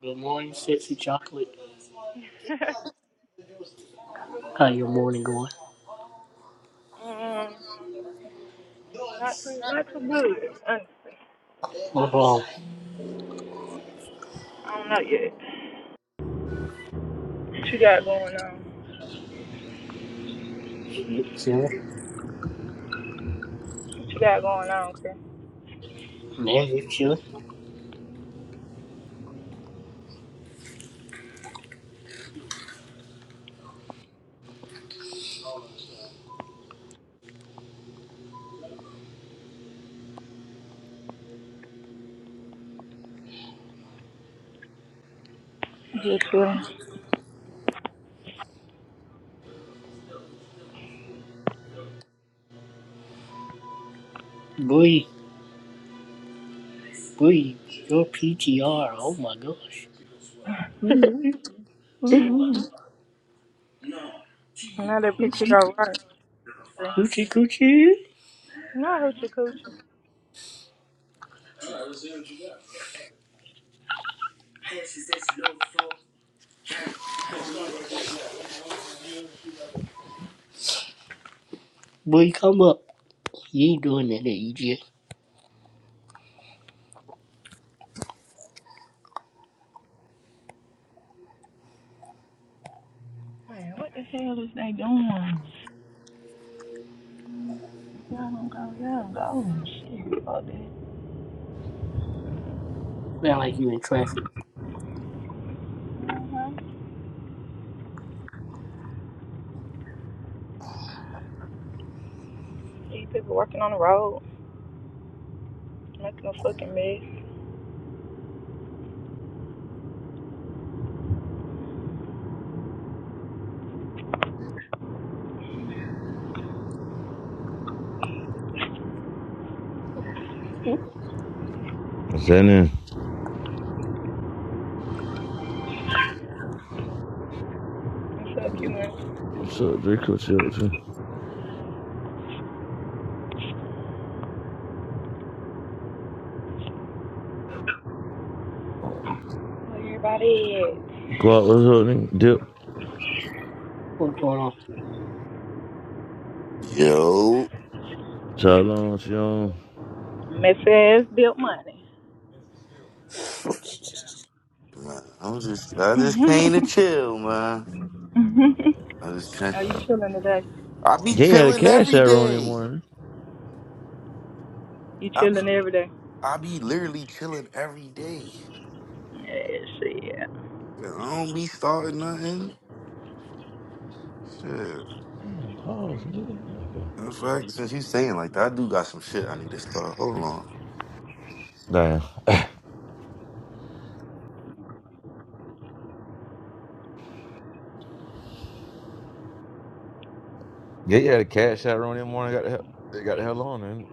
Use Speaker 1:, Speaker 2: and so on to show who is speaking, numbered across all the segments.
Speaker 1: Good morning, sexy chocolate.
Speaker 2: Good
Speaker 1: How
Speaker 2: morning,
Speaker 1: your
Speaker 2: sis.
Speaker 1: morning going?
Speaker 2: Um, not too, not too good, honestly.
Speaker 1: What's wrong?
Speaker 2: I don't know yet. What you got going on?
Speaker 1: Shit, chilling.
Speaker 2: What you got going on, Chris?
Speaker 1: Nancy, chilling.
Speaker 2: Just chilling.
Speaker 1: Boy, boy, your PTR. Oh my gosh. Ooh, ooh,
Speaker 2: Another picture
Speaker 1: Coochie,
Speaker 2: of right, Chris.
Speaker 1: coochie, coochie.
Speaker 2: No, hoochie coochie.
Speaker 1: Boy, come up. You ain't doing that, there, EJ.
Speaker 2: Man, what the hell is they doing? Y'all don't go, y'all don't go. Shit, fuck that.
Speaker 1: Sound like you in traffic.
Speaker 2: Uh-huh. These people working on the road, making a fucking mess.
Speaker 3: What's happening?
Speaker 2: What's up, human?
Speaker 3: What's up, Draco? What's up, too?
Speaker 2: Where everybody is?
Speaker 3: Clark, what's up, nigga? Dip.
Speaker 1: What's going on?
Speaker 4: Yo,
Speaker 3: Child on, she on.
Speaker 2: Messy ass built money.
Speaker 4: man, I'm just I just came to chill, man. I just came.
Speaker 2: Are you chilling today?
Speaker 4: I be
Speaker 3: Gay had a
Speaker 4: chilling
Speaker 3: cash
Speaker 4: every
Speaker 3: out room that
Speaker 4: day.
Speaker 3: morning.
Speaker 2: You
Speaker 4: I
Speaker 2: chilling
Speaker 4: be
Speaker 2: every day?
Speaker 4: I be literally chilling every day.
Speaker 2: Yeah, shit.
Speaker 4: And I don't be starting nothing. Shit.
Speaker 3: Damn, pause, nigga. Okay.
Speaker 4: In fact, since you saying like that, I do got some shit I need to start. Hold on.
Speaker 3: Damn. Gay had a cash out room that morning. Got the hell, it got the hell on, man.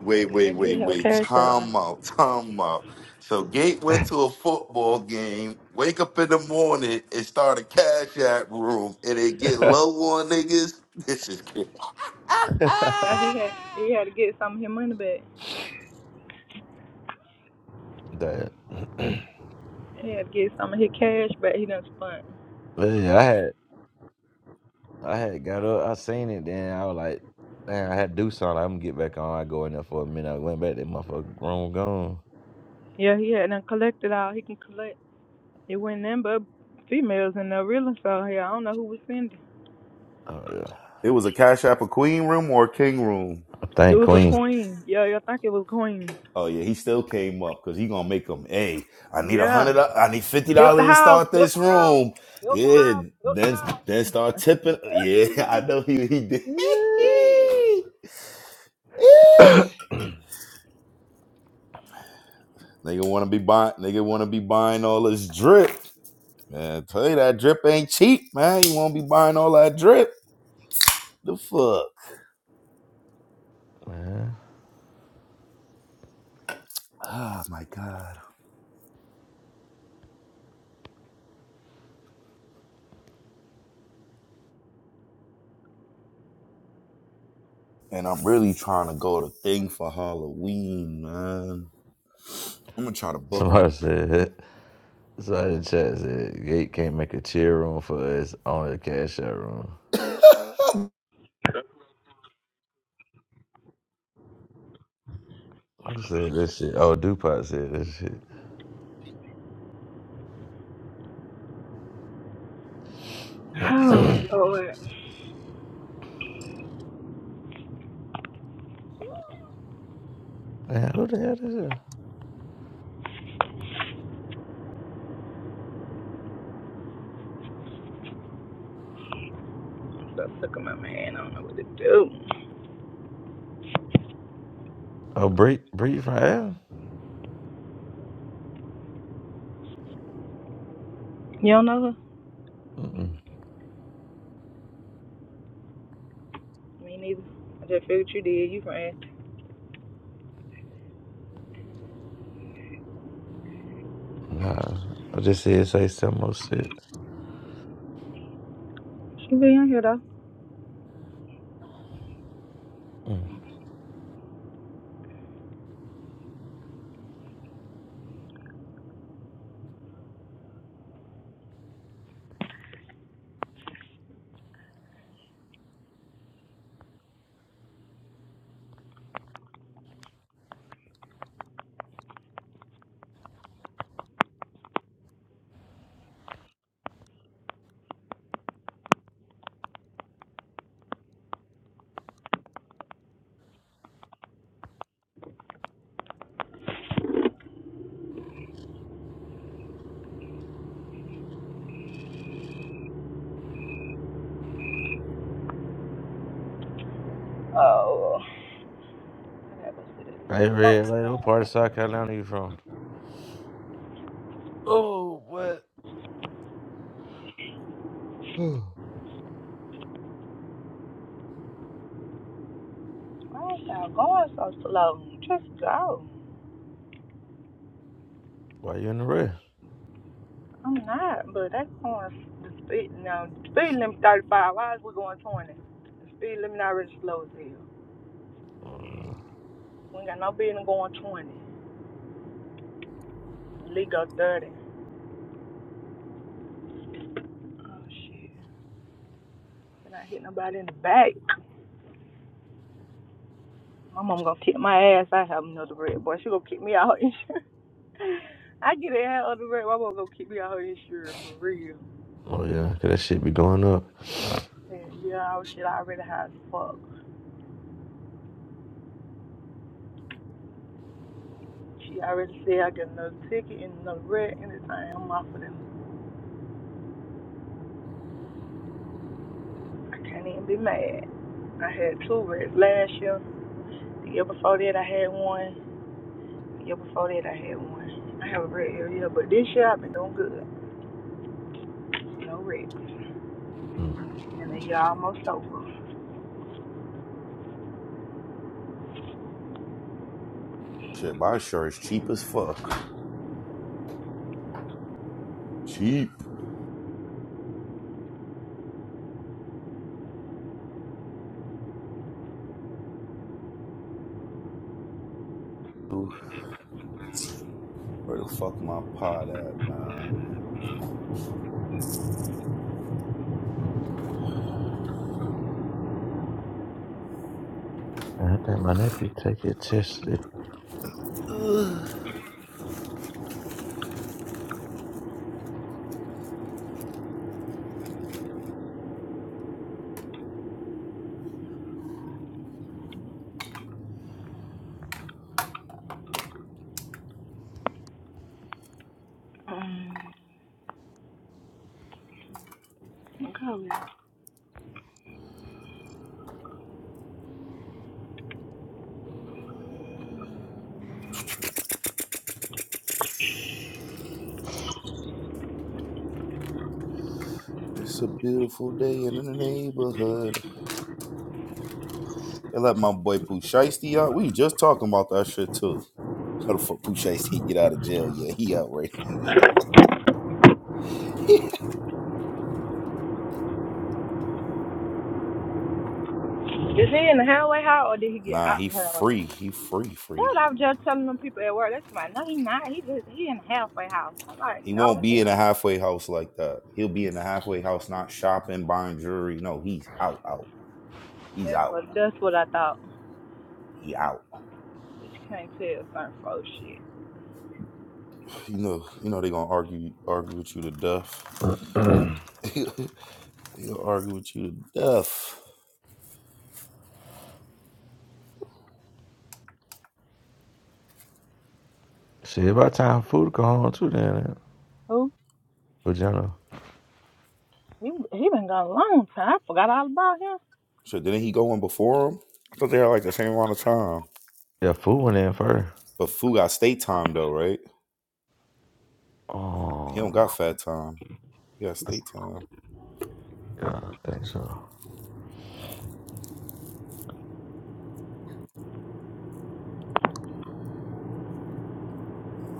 Speaker 4: Wait,
Speaker 2: Yeah, they
Speaker 4: wait, wait,
Speaker 2: did have a
Speaker 4: wait.
Speaker 2: cash out.
Speaker 4: Time
Speaker 2: huh?
Speaker 4: out, time out. So Gate went to a football game, wake up in the morning and start a cash app room and they get low on niggas. This is crazy.
Speaker 2: Yeah, he had he had to get some of his money back.
Speaker 3: Damn.
Speaker 2: He had to get some of his cash back. He done spent.
Speaker 3: But yeah, I had, I had got up. I seen it, then I was like, man, I had to do something. Like, I'm gonna get back on. I go in there for a minute. I went back. That motherfucker room gone.
Speaker 2: Yeah, he had done collected all he can collect. It wasn't nothing but females in there really. So yeah, I don't know who was sending.
Speaker 3: Oh yeah.
Speaker 4: It was a Cash App a Queen room or a King room.
Speaker 2: It
Speaker 3: Thank
Speaker 2: was a
Speaker 3: Queen.
Speaker 2: queen. Yeah, yeah, I think it was a queen.
Speaker 4: Oh yeah, he still came up because he gonna make them. Hey, I need a
Speaker 2: Yeah.
Speaker 4: hundred. I need fifty
Speaker 2: Tilt the
Speaker 4: dollars to
Speaker 2: house.
Speaker 4: start
Speaker 2: Tilt
Speaker 4: this
Speaker 2: the house.
Speaker 4: room.
Speaker 2: Tilt the
Speaker 4: Yeah,
Speaker 2: house. Tilt the
Speaker 4: then
Speaker 2: house.
Speaker 4: then start tipping. Yeah, I know he he did.
Speaker 2: Ooh.
Speaker 4: nigga wanna be buying. Nigga wanna be buying all this drip. Man, I tell you that drip ain't cheap, man. You wanna be buying all that drip? The fuck?
Speaker 3: Man.
Speaker 4: Oh my god. And I'm really trying to go to thing for Halloween, man. I'm gonna try to book my
Speaker 3: Somebody said. So the chat said Gate can't make a cheer room for us on a cash out room. Who said this shit? Oh, Dupont said this shit.
Speaker 2: Oh Lord.
Speaker 3: Man, who the hell is is?
Speaker 2: Stuff took in my man. I don't know what to do.
Speaker 3: Oh, Bree, Bree from L?
Speaker 2: You don't know her?
Speaker 3: Mm-mm.
Speaker 2: Me neither. I just figured you did. You friend.
Speaker 3: Nah, I just said say some more shit.
Speaker 2: She be in here though.
Speaker 3: Mm.
Speaker 2: Oh. I gotta go see
Speaker 3: Hey,
Speaker 2: this. Like,
Speaker 3: Red Lady, what part of South Carolina you from? Oh, what?
Speaker 2: why is y'all going so slow? Just go.
Speaker 3: Why you in the red?
Speaker 2: I'm not, but that's going the speed. No, the speed limit 35. Why is we going 20? The speed limit already slow as hell.
Speaker 3: Oh,
Speaker 2: We ain't got no business going 20. The Lee go 30. Oh shit. We're not hitting nobody in the back. My mom gonna kick my ass. I have another bread, boy. She gonna kick me out. I get it out of the bread. My mom gonna kick me out her insurance for real.
Speaker 3: oh yeah, 'cause that shit be going up.
Speaker 2: And yeah, I was shit. I already high as fuck. She already said I get another ticket and another red anytime. I'm off of them. I can't even be mad. I had two reds last year. The year before that, I had one. The year before that, I had one. I have a red every year, but this year I've been doing good. No red.
Speaker 3: Mm.
Speaker 2: And the year almost over.
Speaker 4: shit. My shirt's cheap as fuck. Cheap. Where the fuck my pot at, man?
Speaker 3: I think my nephew take it tested.
Speaker 4: Ugh.
Speaker 2: Um, okay, y'all.
Speaker 4: It's a beautiful day in the neighborhood. They let my boy Pooh Shiesty out. We just talking about that shit too. How the fuck Pooh Shiesty get out of jail? Yeah, he out right. now.
Speaker 2: Is he in the highway house or did he get
Speaker 4: Nah,
Speaker 2: out
Speaker 4: he
Speaker 2: the highway
Speaker 4: free.
Speaker 2: house?
Speaker 4: He free,
Speaker 2: That's
Speaker 4: free.
Speaker 2: what I was just telling them people at work. That's my no, he not. He just he in the halfway house. I'm like,
Speaker 4: He won't
Speaker 2: no,
Speaker 4: be in a halfway house like that. He'll be in a halfway house, not shopping, buying jewelry. No, he's out, out. He's
Speaker 2: that's
Speaker 4: out.
Speaker 2: what that's what I thought.
Speaker 4: He out.
Speaker 2: But you can't tell certain folks shit.
Speaker 4: You know, you know they gonna argue, argue with you to death. He'll argue with you to death.
Speaker 3: shit, about time food come home too, then. eh?
Speaker 2: Who?
Speaker 3: For Jenna.
Speaker 2: He he been gone a long time. I forgot all about him.
Speaker 4: So didn't he go in before him? I thought they had like the same amount of time.
Speaker 3: Yeah, food went in first.
Speaker 4: But Fu got state time though, right? He don't
Speaker 3: Oh,
Speaker 4: got fat time. He got state time.
Speaker 3: yeah, I think so.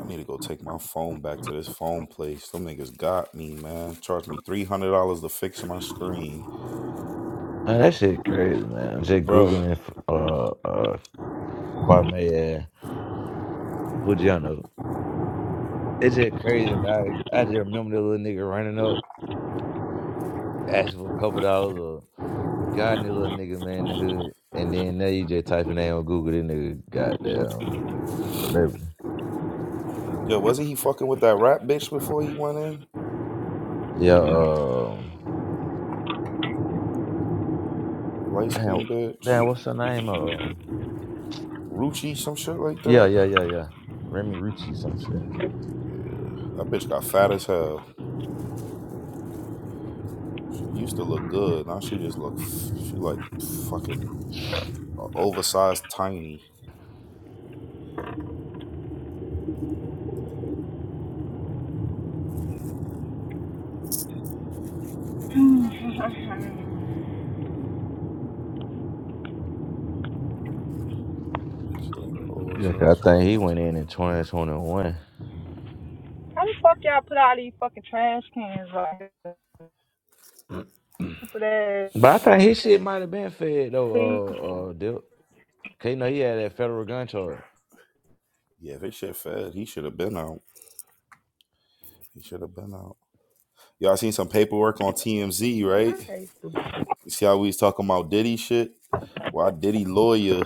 Speaker 4: I need to go take my phone back to this phone place. Them niggas got me, man. Charged me three hundred dollars to fix my screen,
Speaker 3: Man, that shit crazy, man. I'm just
Speaker 4: bro.
Speaker 3: googling uh uh Kwame and Fujiano. It's just crazy, man. I, I just remember the little nigga running up, asking for a couple dollars or got the little nigga man in the hood, and then now you just type a name on Google, this nigga goddamn celebrity.
Speaker 4: Yo, wasn't he fucking with that rap bitch before he went in?
Speaker 3: Yeah, um,
Speaker 4: Light
Speaker 3: damn,
Speaker 4: skinned bitch.
Speaker 3: damn, what's her name? Uh,
Speaker 4: Ruchi, some shit like
Speaker 3: yeah,
Speaker 4: that.
Speaker 3: yeah, yeah, yeah. Remy Ricci, some shit.
Speaker 4: Yeah. That bitch got fat as hell. Used to look good. Now she just look, f- she like fucking uh, oversized tiny. It's like an
Speaker 3: Yeah,
Speaker 4: oversized
Speaker 3: 'cause I think he
Speaker 4: fucking
Speaker 3: went in in
Speaker 4: thing.
Speaker 3: 2021.
Speaker 2: How the fuck y'all put all these fucking trash cans right?
Speaker 3: But I think his shit might have been fed though. Uh, uh, Dip. 'Cause you know he had that federal gun charge.
Speaker 4: Yeah, if this shit fed, he should have been out. He should have been out. Y'all seen some paperwork on TMZ, right? You see how we was talking about Diddy shit? Why Diddy lawyer?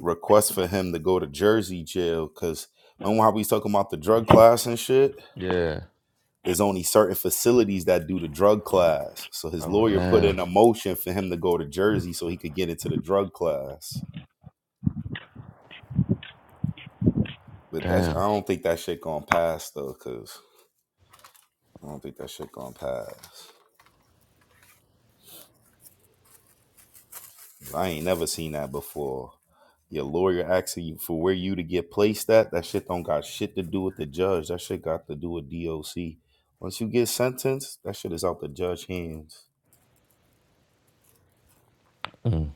Speaker 4: request for him to go to Jersey jail because remember how we was talking about the drug class and shit?
Speaker 3: Yeah.
Speaker 4: There's only certain facilities that do the drug class. So his
Speaker 3: Oh
Speaker 4: lawyer put
Speaker 3: damn,
Speaker 4: in a motion for him to go to Jersey so he could get into the drug class. But that's I
Speaker 3: damn.
Speaker 4: don't think that shit gonna pass though, cause I don't think that shit gonna pass. I ain't never seen that before. Your lawyer asking you for where you to get placed at. That shit don't got shit to do with the judge. That shit got to do with DOC. Once you get sentenced, that shit is out the judge hands.
Speaker 3: Mm.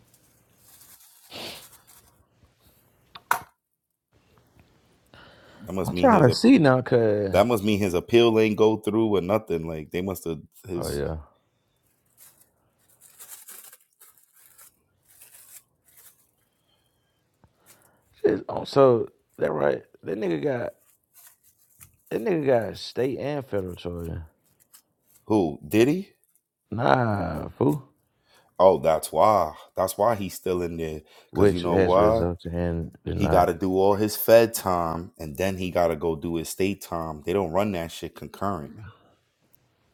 Speaker 4: That must
Speaker 3: I'm
Speaker 4: mean
Speaker 3: trying
Speaker 4: his
Speaker 3: to
Speaker 4: ap-
Speaker 3: see now, cause
Speaker 4: that must mean his appeal ain't go through or nothing. Like they must have
Speaker 3: oh
Speaker 4: his
Speaker 3: yeah. Shit, oh, So that right? That nigga got that nigga got state and federal charges.
Speaker 4: who did he?
Speaker 3: Nah, fool.
Speaker 4: Oh, that's why. That's why he's still in there. Cause you
Speaker 3: Which
Speaker 4: know
Speaker 3: has
Speaker 4: why?
Speaker 3: resulted in
Speaker 4: He
Speaker 3: denied.
Speaker 4: got to do all his Fed time, and then he got to go do his state time. They don't run that shit concurrent.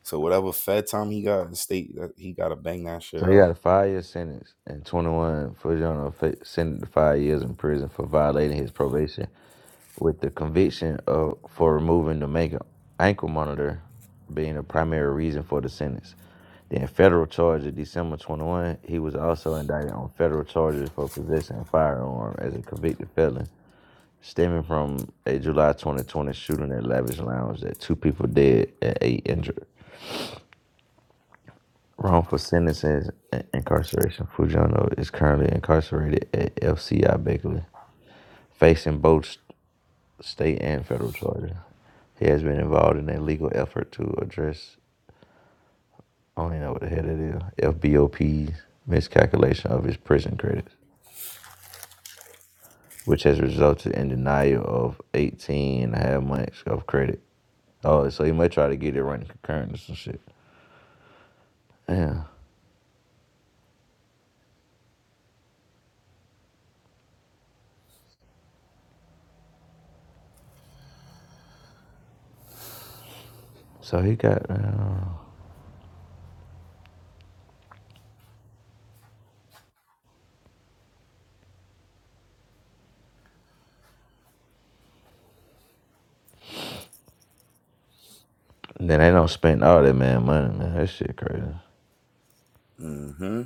Speaker 4: So whatever Fed time he got in the state, that- he gotta bang that shit
Speaker 3: So he got
Speaker 4: out.
Speaker 3: a five year sentence and 21 for you know, sentenced to five years in prison for violating his probation with the conviction of for removing the mega ankle monitor being the primary reason for the sentence. Then federal charge of December 21, he was also indicted on federal charges for possessing a firearm as a convicted felon, stemming from a July 2020 shooting at Lavish Lounge that two people dead and eight injured. Wrongful sentences and incarceration. Fujono is currently incarcerated at FCI Beckley, facing both state and federal charges. He has been involved in a legal effort to address, I don't even know what the heck it is, FBOP's miscalculation of his prison credits, which has resulted in denial of 18 and a half months of credit. Oh, so he might try to get it running concurrent or some shit. Yeah. So he got, uh, then they don't spend all that man money, man. That shit crazy.
Speaker 4: Mm-hmm.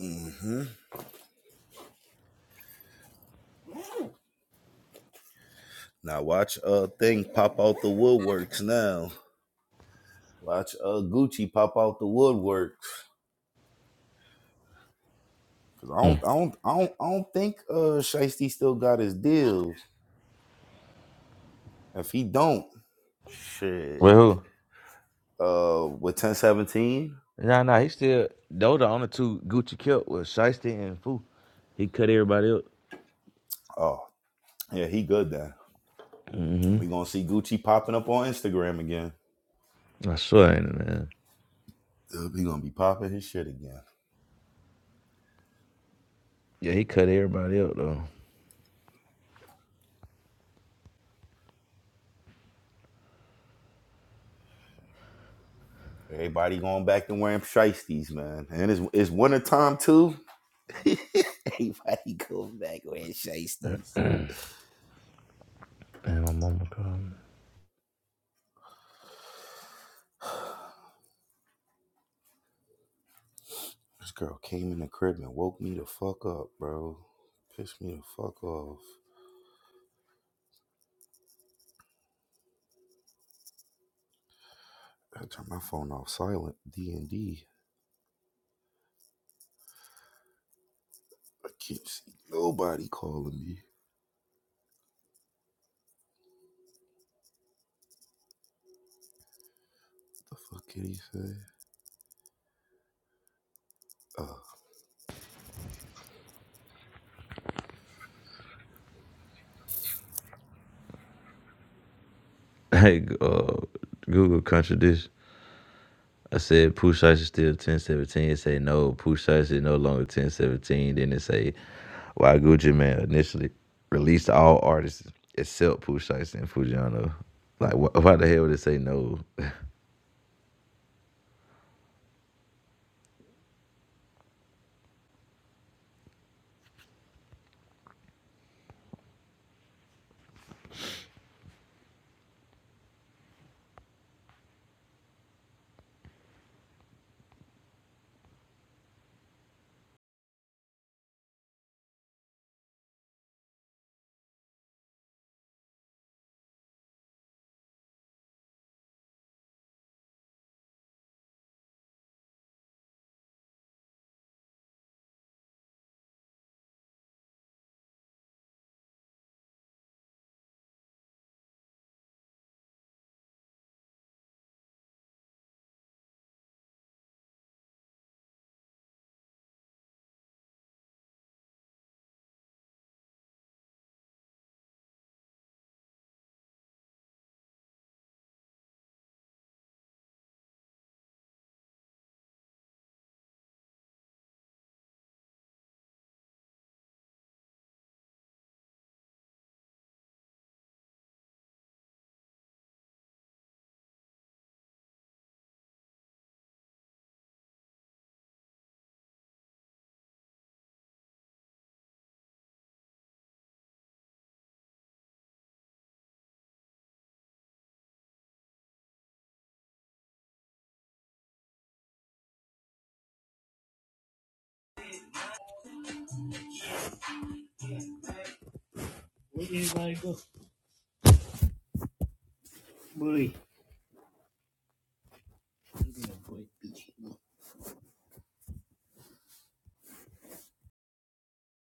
Speaker 4: Mm-hmm. Now watch uh thing pop out the woodworks now. Watch uh Gucci pop out the woodworks. Cause I don't
Speaker 3: Mm.
Speaker 4: I don't I don't I don't think uh Shiesty still got his deal. If he don't, shit.
Speaker 3: Well,
Speaker 4: Uh with 1017.
Speaker 3: who? Nah, nah, he still, those the only two Gucci killed was Shiesty and Fu. He cut everybody up.
Speaker 4: Oh, yeah, he good then.
Speaker 3: hmm
Speaker 4: We gonna see Gucci popping up on Instagram again.
Speaker 3: I swear, I ain't it, man.
Speaker 4: Uh, He gonna be popping his shit again.
Speaker 3: Yeah, he cut everybody up though.
Speaker 4: Everybody going back to wearing shiesties, man. And it's it's winter time too. Everybody going back wearing shiesties.
Speaker 3: And my mama called me.
Speaker 4: This girl came in the crib and woke me the fuck up, bro. Pissed me the fuck off. I turned my phone off silent. D and D. I can't see nobody calling me. What The fuck did he say? Uh,
Speaker 3: Hey, uh, Google contradiction. I said push size is still ten seventeen. It say no, push size is no longer ten seventeen. Then it say why Gucci Man initially released all artists except Pooh Shiesty and Fujiano. Like wh- why the hell would it say no?
Speaker 1: Where everybody go? Boy, look at boy, bitch.